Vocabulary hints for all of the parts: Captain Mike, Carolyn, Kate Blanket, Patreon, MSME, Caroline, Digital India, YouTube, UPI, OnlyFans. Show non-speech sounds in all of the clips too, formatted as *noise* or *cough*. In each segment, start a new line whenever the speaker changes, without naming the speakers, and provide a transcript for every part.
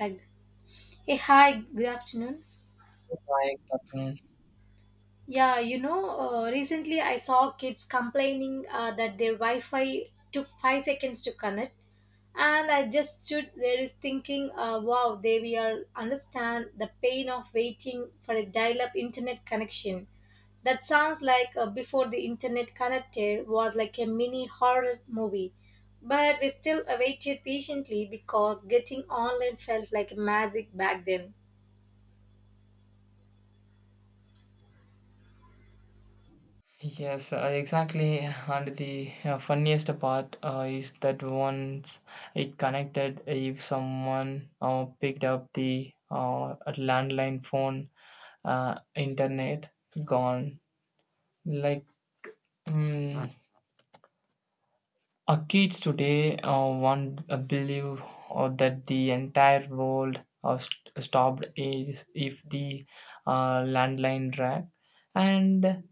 Like that. Hey, hi, good afternoon.
I got
Recently I saw kids complaining that their wi-fi took 5 seconds to connect, and I just stood there is thinking, wow, they will understand the pain of waiting for a dial-up internet connection. That sounds like, before the internet connected was like a mini horror movie, but we still awaited patiently because getting online felt like magic back then.
Yes, exactly. And the funniest part is that once it connected, if someone picked up the landline phone, internet gone. Like, Hmm. mm, Our kids today want believe that the entire world stopped is if the landline rang, and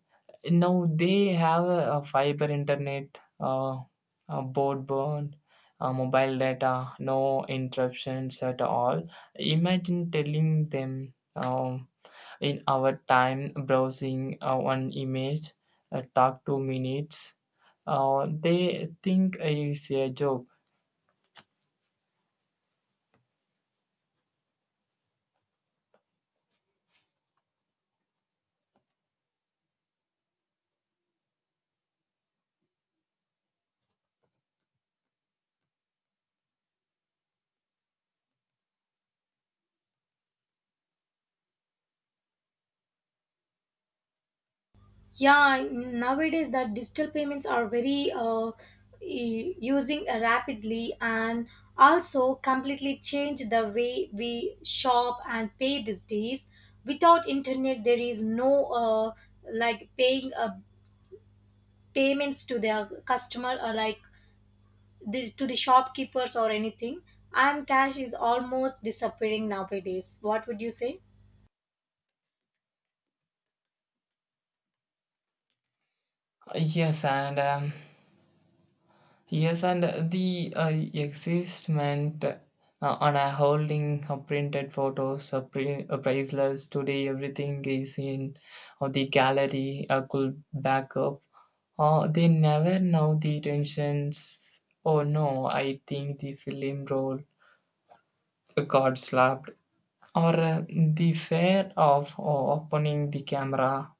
now they have a fiber internet, a broadband, mobile data, no interruptions at all. Imagine telling them. In our time browsing one image, talk 2 minutes. They think it's a joke.
Yeah, nowadays the digital payments are very, using rapidly and also completely change the way we shop and pay these days. Without internet, there is no, like paying, payments to their customer or like to the shopkeepers or anything. I'm cash is almost disappearing nowadays. What would you say?
Yes, and the existment on a holding printed photos, priceless today. Everything is in the gallery. Could backup. They never know the tensions. Oh no! I think the film role got slapped. Or the fear of opening the camera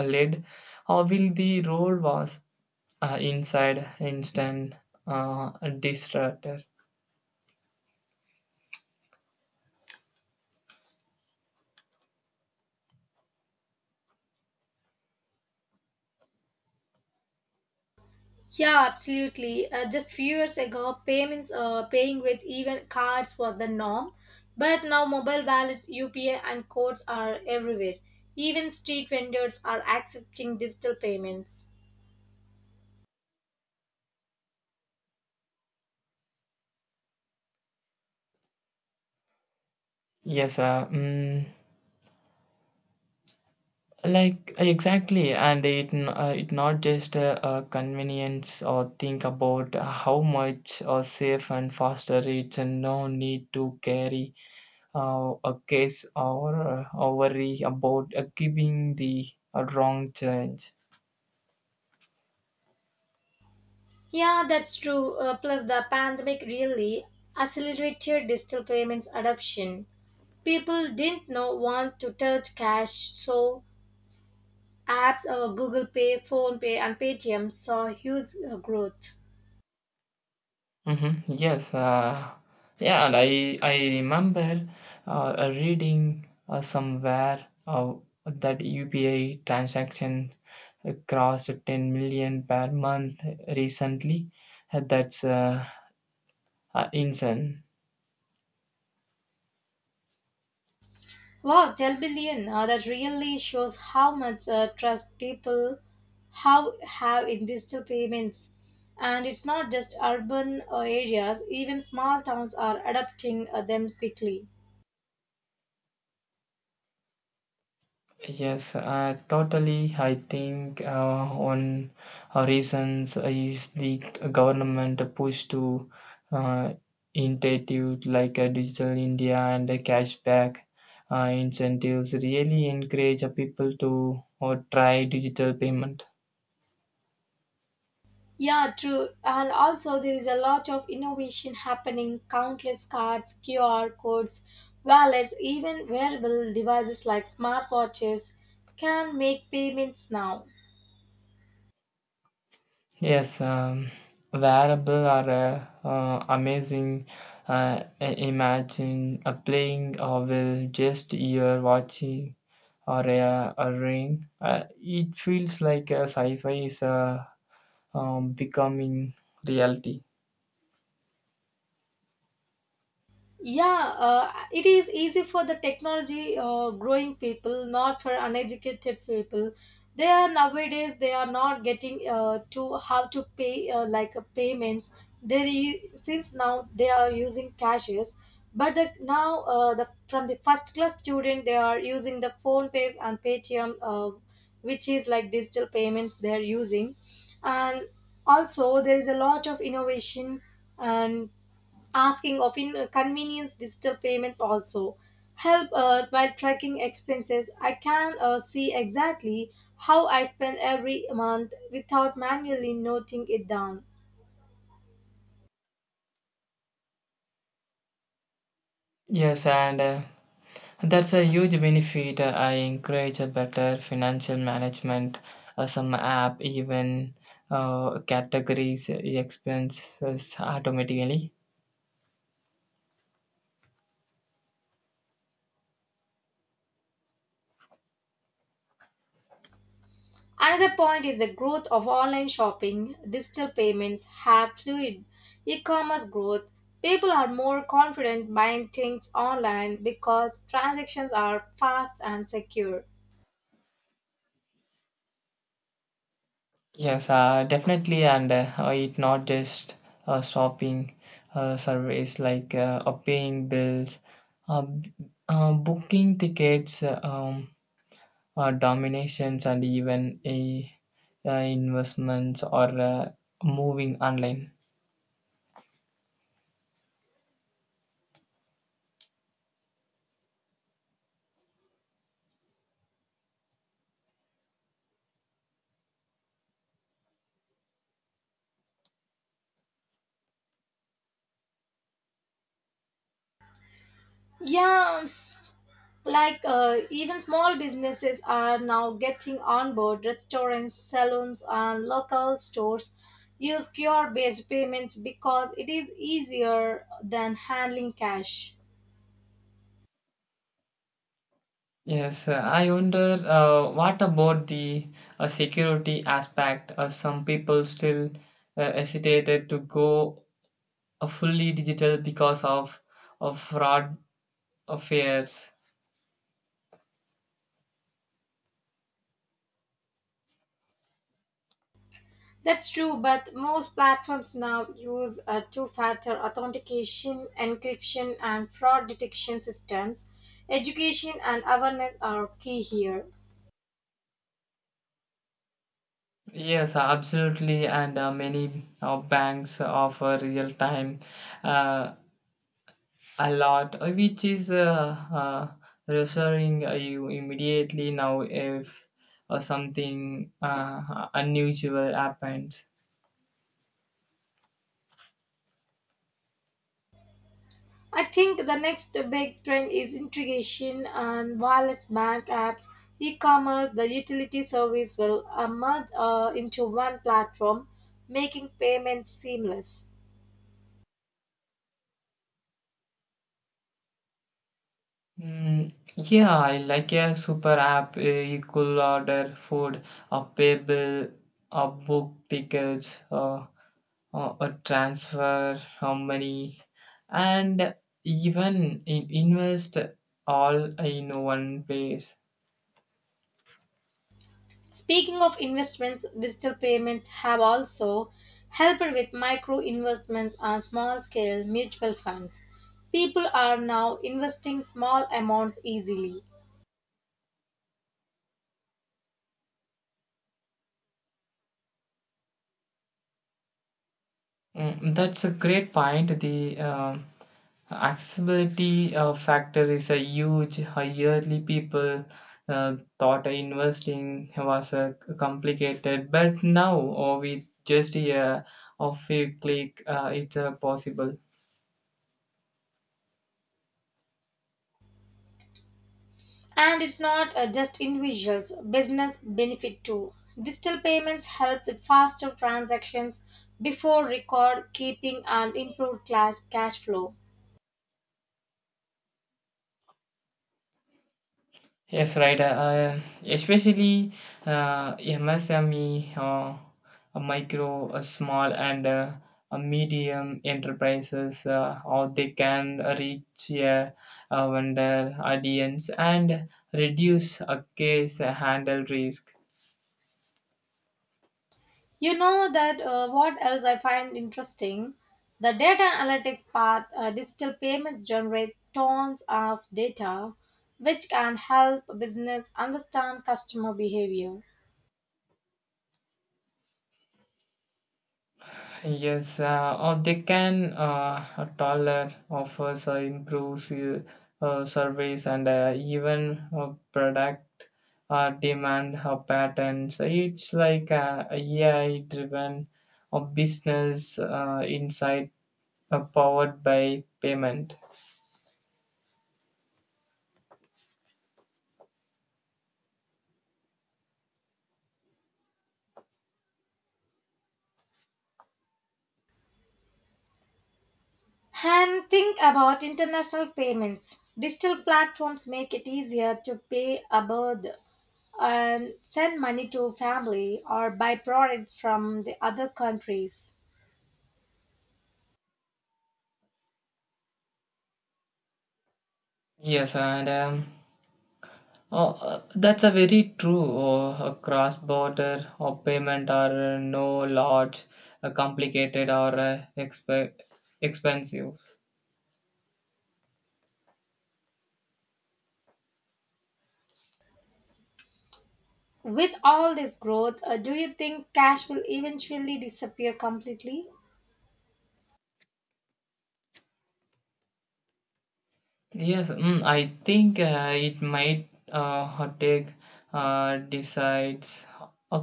lid or will the role was inside instant uh, distractor.
Yeah, absolutely. Just few years ago, payments, paying with even cards was the norm, but now mobile wallets, UPI, and codes are everywhere. Even street vendors are accepting digital payments.
Yes uh, mm, like exactly, and it not just a convenience or think about how much or safe and faster it's, and no need to carry a case, or worry about giving the wrong change.
Yeah, that's true. Plus, the pandemic really accelerated digital payments adoption. People didn't know want to touch cash, so apps Google Pay, Phone Pay, and Paytm saw huge growth.
Mhm. Yes. Yeah, and I remember reading somewhere that UPI transaction crossed 10 million per month recently. That's insane.
Wow, 12 billion. That really shows how much trust people how have in digital payments. And it's not just urban areas, even small towns are adopting them quickly.
Yes, totally. I think one reasons is the government push to uh, initiative like Digital India and cashback incentives really encourage people to try digital payment.
Yeah, true. And also, there is a lot of innovation happening countless cards, QR codes, wallets, even wearable devices like smartwatches can make payments now.
Yes, wearable are amazing. Imagine a playing or will just your watching or a ring. It feels like sci-fi is becoming reality.
Yeah, it is easy for the technology growing people, not for uneducated people. They are nowadays they are not getting to how to pay like a payments. Since now they are using cashes, but now the from the first class student they are using the phone pays and Paytm, which is like digital payments they are using, and also there is a lot of innovation and asking of inconvenience digital payments also help while tracking expenses. I can see exactly how I spend every month without manually noting it down.
Yes, and that's a huge benefit. I encourage a better financial management. Some app even categories expenses automatically.
Another point is the growth of online shopping. Digital payments have fueled e-commerce growth. People are more confident buying things online because transactions are fast and secure.
Yes, definitely, and it not just shopping surveys like paying bills, uh, b- booking tickets, dominations, and even investments or moving online.
Yeah. Like, even small businesses are now getting on board. Restaurants, salons, and local stores use QR-based payments because it is easier than handling cash.
Yes, I wonder what about the security aspect? Some people still hesitated to go fully digital because of fraud affairs.
That's true, but most platforms now use a two-factor authentication, encryption, and fraud detection systems. Education and awareness are key here.
Yes, absolutely. And many banks offer real time uh, a lot, which is reassuring you immediately now if something unusual happens.
I think the next big trend is integration and wallets, bank apps, e-commerce, the utility service will merge into one platform, making payments seamless.
Yeah, I like a super app, you could order food, a payable, a book tickets, a transfer how many, and even in invest all in one place.
Speaking of investments, digital payments have also helped with micro investments and small scale mutual funds. People are now investing small amounts easily.
Mm, that's a great point. The accessibility factor is a huge yearly people thought investing was complicated, but now or with just of a click it's possible.
And it's not, just individuals, business benefit too. Digital payments help with faster transactions before record keeping and improved cash flow.
Yes, right. Especially MSME, a micro, a small, and a medium enterprises, or they can reach a vendor audience and reduce a case handle risk.
You know that, what else I find interesting? The data analytics part, digital payments generate tons of data which can help business understand customer behavior.
Yes, or they can a taller offers improves service and even product demand patterns. It's like a AI-driven business insight powered by payment.
And think about international payments. Digital platforms make it easier to pay abroad and send money to family or buy products from the other countries.
Yes, that's a very true. Oh, cross-border or payment are no large, complicated or expensive.
With all this growth, do you think cash will eventually disappear completely?
Yes, I think it might take decides a.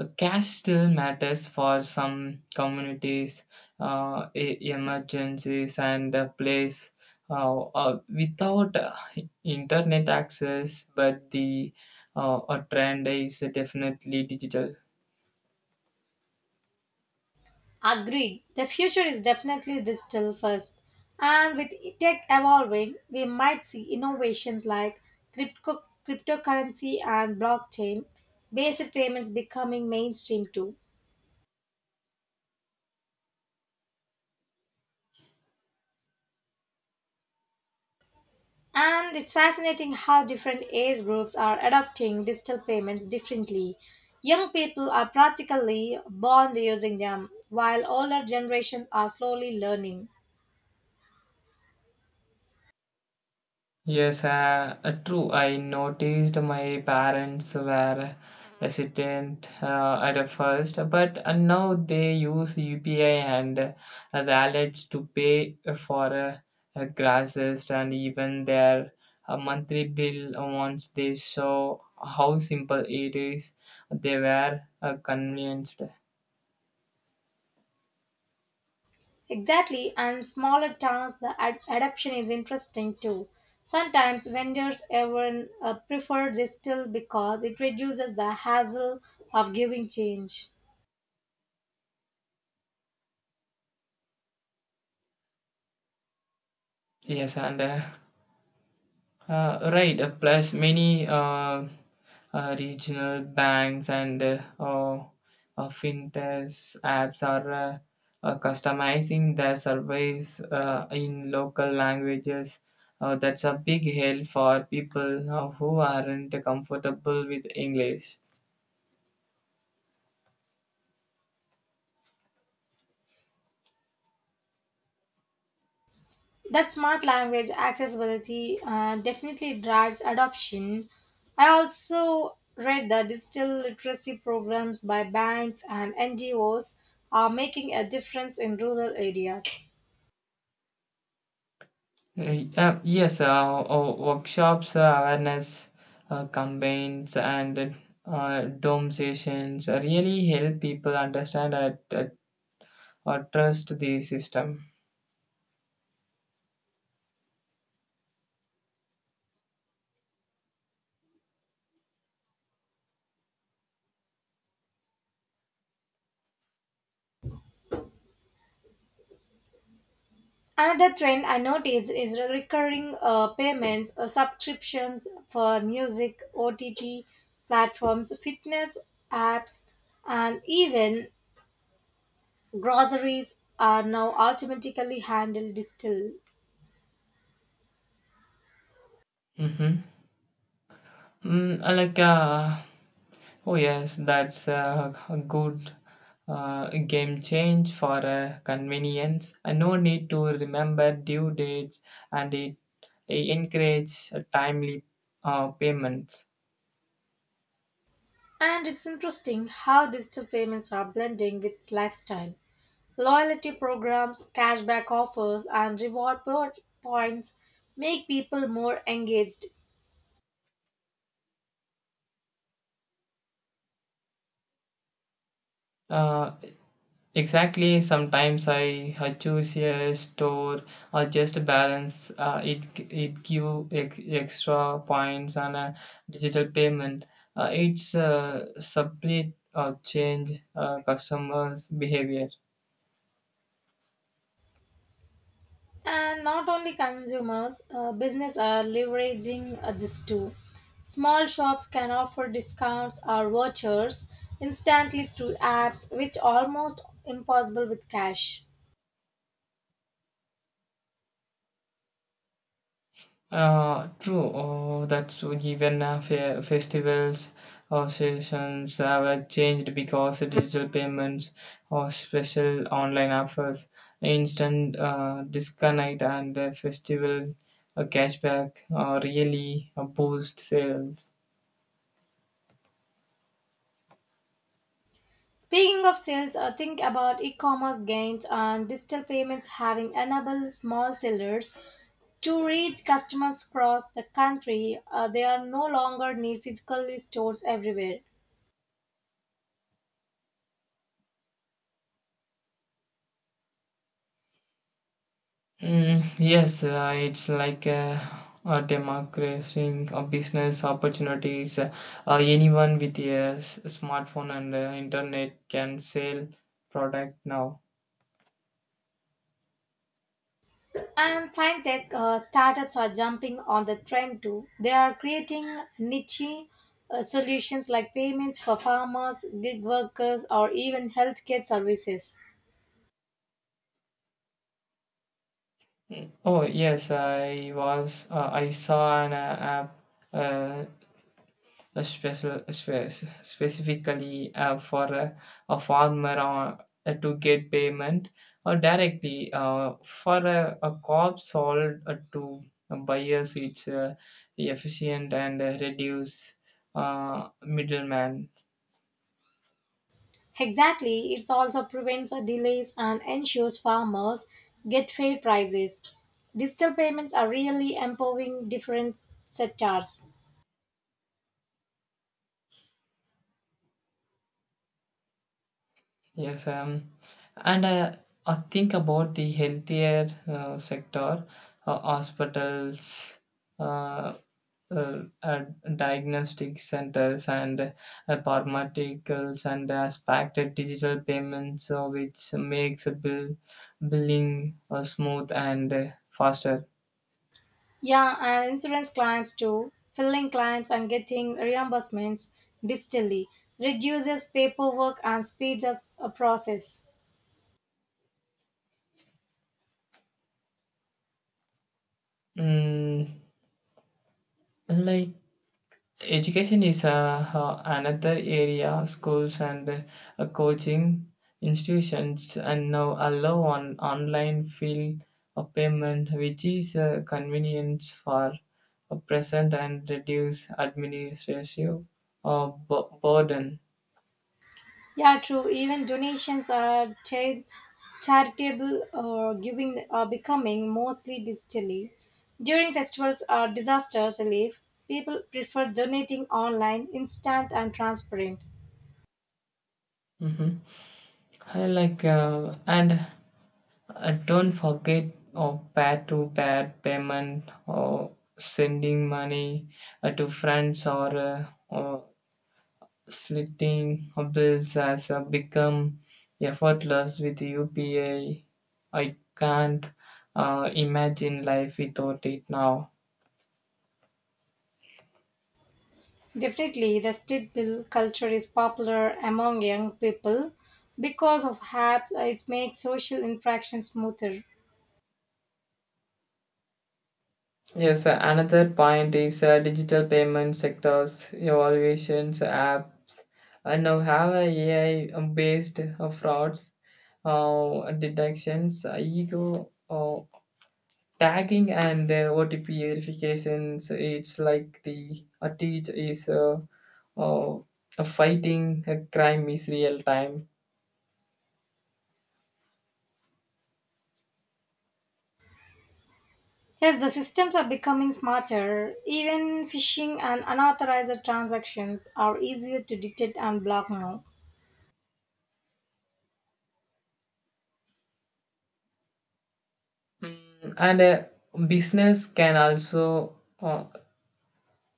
Cash still matters for some communities, emergencies, and place. Without internet access, but the a trend is definitely digital.
Agreed. The future is definitely digital first. And with tech evolving, we might see innovations like cryptocurrency and blockchain, based payments becoming mainstream too. And it's fascinating how different age groups are adopting digital payments differently. Young people are practically born using them, while older generations are slowly learning.
Yes, true. I noticed my parents were hesitant at first, but now they use UPI and wallets to pay for grasses, and even their monthly bill once they saw how simple it is. They were convinced.
Exactly, and smaller towns, adoption is interesting too. Sometimes vendors even prefer digital because it reduces the hassle of giving change.
Yes, and right, plus many regional banks and fintechs apps are customizing their surveys in local languages. That's a big help for people who aren't comfortable with English.
That smart language accessibility definitely drives adoption. I also read that digital literacy programs by banks and NGOs are making a difference in rural areas.
Yeah, yes, workshops, awareness campaigns, and dome sessions really help people understand that, or trust the system.
Another trend I noticed is recurring payments, subscriptions for music, OTT platforms, fitness apps, and even groceries are now automatically handled digital.
Mm-hmm. Mm, uh, like, uh, oh yes, that's a good game change for convenience. No need to remember due dates, and it encourages timely payments.
And it's interesting how digital payments are blending with lifestyle. Loyalty programs, cashback offers, and reward points make people more engaged.
Uh, Exactly. Sometimes I choose a store or just balance. It it give extra points on a digital payment. It's a separate change customers' behavior.
And not only consumers, business are leveraging this too. Small shops can offer discounts or vouchers instantly through apps, which almost impossible with cash.
True. Oh, that's true. Even festivals or sessions have changed because of digital payments or special online offers, instant disconnect, and festival cashback really boost sales.
Speaking of sales, think about e-commerce gains and digital payments having enabled small sellers to reach customers across the country. They are no longer need physical stores everywhere.
Mm, yes, it's like democratizing business opportunities. Anyone with smartphone and internet can sell product now.
And fintech startups are jumping on the trend too. They are creating niche solutions like payments for farmers, gig workers, or even healthcare services.
Mm. Oh yes, I saw an app, uh, uh, special spe- specifically for a farmer, to get payment or directly for a crop sold to buyers. It's efficient and reduce middleman.
Exactly, it also prevents delays and ensures farmers get fair prices. Digital payments are really empowering different sectors.
Yes um, and uh, i think about the healthier sector, hospitals, uh, uh, uh, diagnostic centers, and pharmaceuticals, and aspected digital payments, which makes a bill, billing smooth and faster.
Yeah, and insurance claims too. Filling claims and getting reimbursements digitally reduces paperwork and speeds up a process.
Mm, like Education is another area. Schools and coaching institutions and now allow on online field of payment, which is a convenience for a present and reduce administrative burden.
Yeah, true. Even donations are charitable or giving are becoming mostly digitally. During festivals or disasters relief, people prefer donating online, instant and transparent.
Mhm. I like, and don't forget or pair to pair payment or sending money to friends, or slitting of bills has become effortless with UPI. I can't imagine life without it now.
Definitely, the split bill culture is popular among young people because of apps. It makes social interaction smoother.
Yes, another point is digital payment sectors, evaluations, apps, and now have a AI based frauds detections, ego tagging, and otp verifications. It's like the a teach is uh, a fighting a crime is real time.
Yes, the systems are becoming smarter. Even phishing and unauthorized transactions are easier to detect and block now.
Mm, and A business can also uh,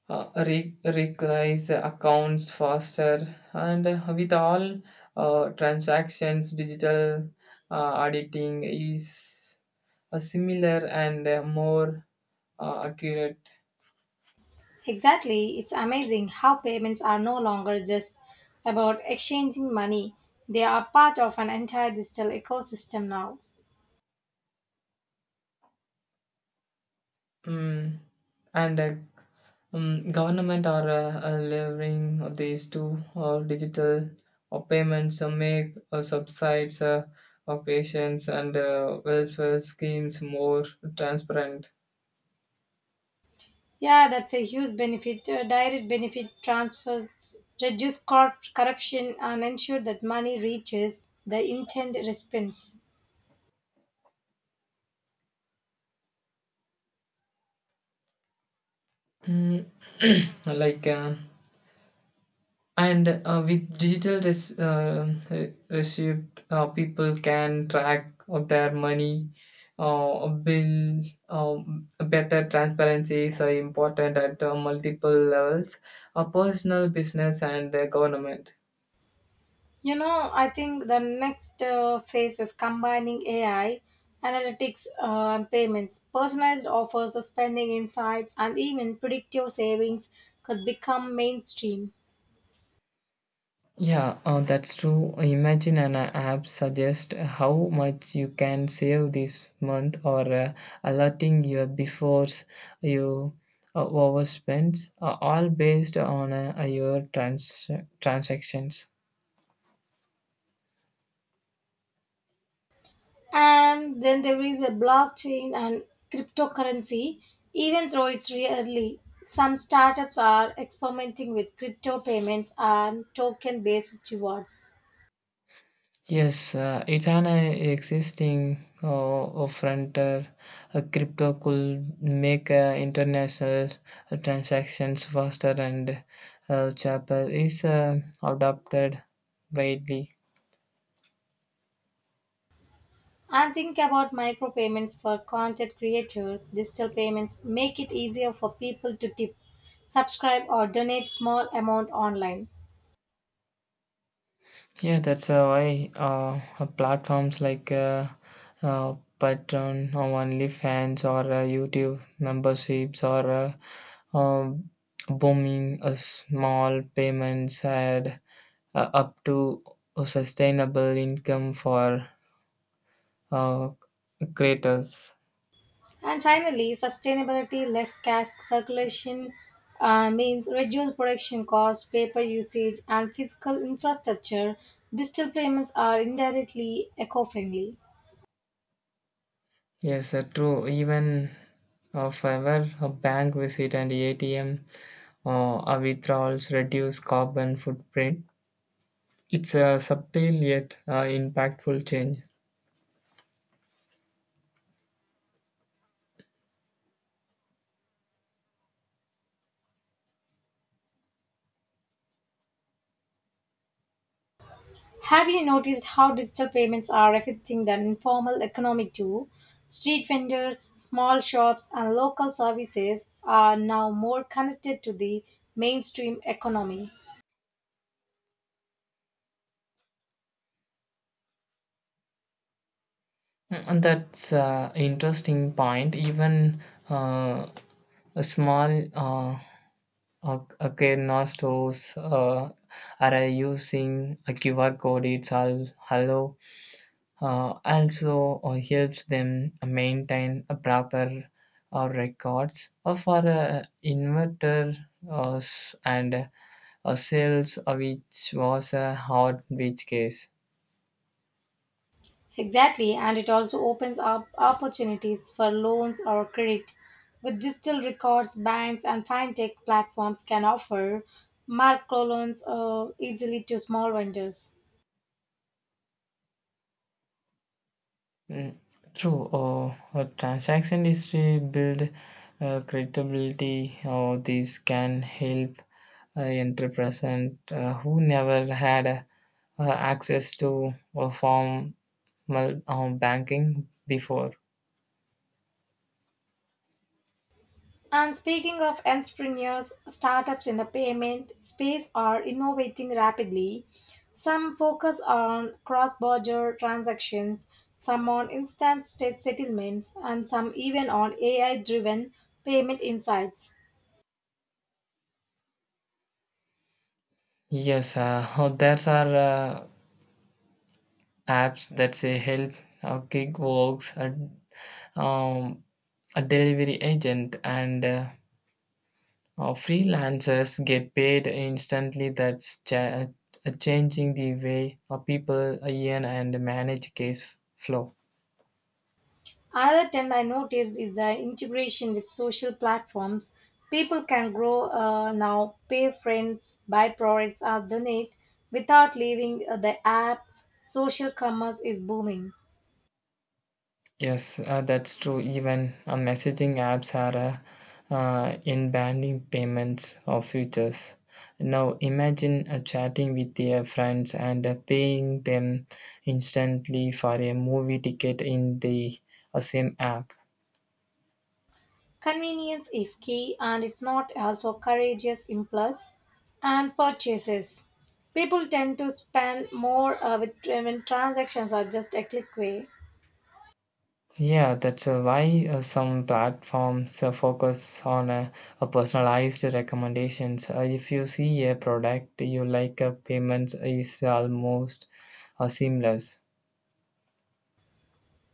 uh, re- recognize accounts faster, and with all transactions digital, auditing is a similar and more accurate.
Exactly, it's amazing how payments are no longer just about exchanging money. They are part of an entire digital ecosystem now.
Mm, and Government are leveraging of these two or digital or payments to make subsides of patients and welfare schemes more transparent.
Yeah, that's a huge benefit. Direct benefit transfer reduce corruption and ensure that money reaches the intended recipients.
Mm, *clears throat* like And With digital receipt, people can track of their money, bill, better transparency is important at multiple levels, personal, business, and government.
You know, I think the next phase is combining AI, analytics, and payments. Personalized offers, spending insights, and even predictive savings could become mainstream.
Yeah, that's true. Imagine an app suggest how much you can save this month, or alerting you before you overspend, all based on your transactions.
And then there is a blockchain and cryptocurrency, even though it's rarely. Some startups are experimenting with crypto payments and token based rewards.
Yes, it's an existing frontier. Crypto could make international transactions faster and cheaper. Is adopted widely.
I'm thinking about micropayments for content creators. Digital payments make it easier for people to tip, subscribe, or donate small amount online.
Yeah, that's why platforms like Patreon, or OnlyFans, or YouTube memberships are um, booming. A small payments add up to a sustainable income for uh, creators.
And finally, sustainability, less cash circulation means reduced production cost, paper usage, and physical infrastructure. Digital payments are indirectly eco-friendly.
Yes, true. Even of ever a bank visit and ATM withdrawals reduce carbon footprint. It's a subtle yet impactful change.
Have you noticed how digital payments are affecting the informal economy too? Street vendors, small shops, and local services are now more connected to the mainstream economy.
Mm, and that's an interesting point. Even uh, a small Akerna stores are using a QR code. It's all hello. Also helps them maintain a proper records for inverter and sales, which was a hard which case.
Exactly, and it also opens up opportunities for loans or credit. With digital records, banks and fintech platforms can offer microloans easily to small vendors.
Mm, true. A transaction history build credibility. These can help entrepreneurs who never had access to formal banking before.
And speaking of entrepreneurs, startups in the payment space are innovating rapidly. Some focus on cross border transactions, some on instant state settlements, and some even on AI driven payment insights.
Yes, *laughs* there are apps that say help gig works, um, a delivery agent, and freelancers get paid instantly. That's changing the way people earn and manage case flow.
Another trend I noticed is the integration with social platforms. People can grow now, pay friends, buy products, or donate without leaving the app. Social commerce is booming.
Yes, that's true. Even messaging apps are in banning payments or futures. Now imagine chatting with your friends and paying them instantly for a movie ticket in the same app.
Convenience is key and it's not also courageous impulse and purchases. People tend to spend more when transactions are just a click away.
Yeah, that's why some platforms focus on a personalized recommendations. If you see a product you like, payments is almost seamless.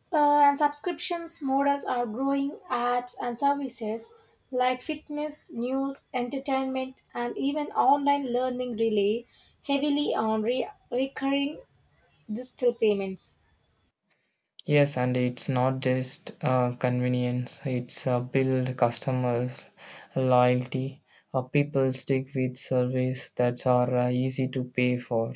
And subscriptions models are growing apps and services like fitness, news, entertainment, and even online learning rely heavily on recurring digital payments.
Yes, and it's not just convenience; it's build customers loyalty. People stick with service that are easy to pay for.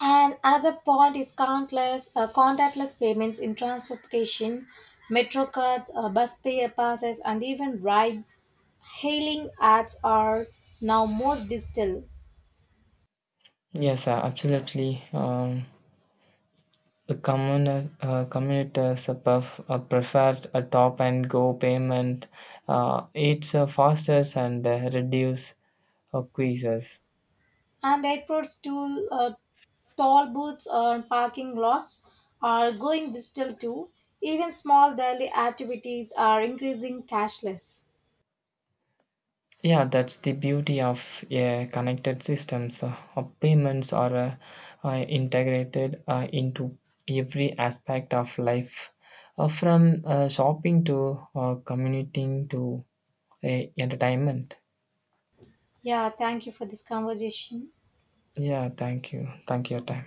And another point is countless contactless payments in transportation, metro cards, bus pay passes, and even ride-hailing apps are now most digital.
Yes, absolutely. Commuters prefer a top and go payment. It's faster and reduce quizzes.
And airports, to toll booths, or parking lots are going digital too. Even small daily activities are increasing cashless.
Yeah, that's the beauty of a connected systems. Payments are integrated into every aspect of life, from shopping to commuting to entertainment.
Yeah, thank you for this conversation.
Yeah, thank you. Thank you, your time.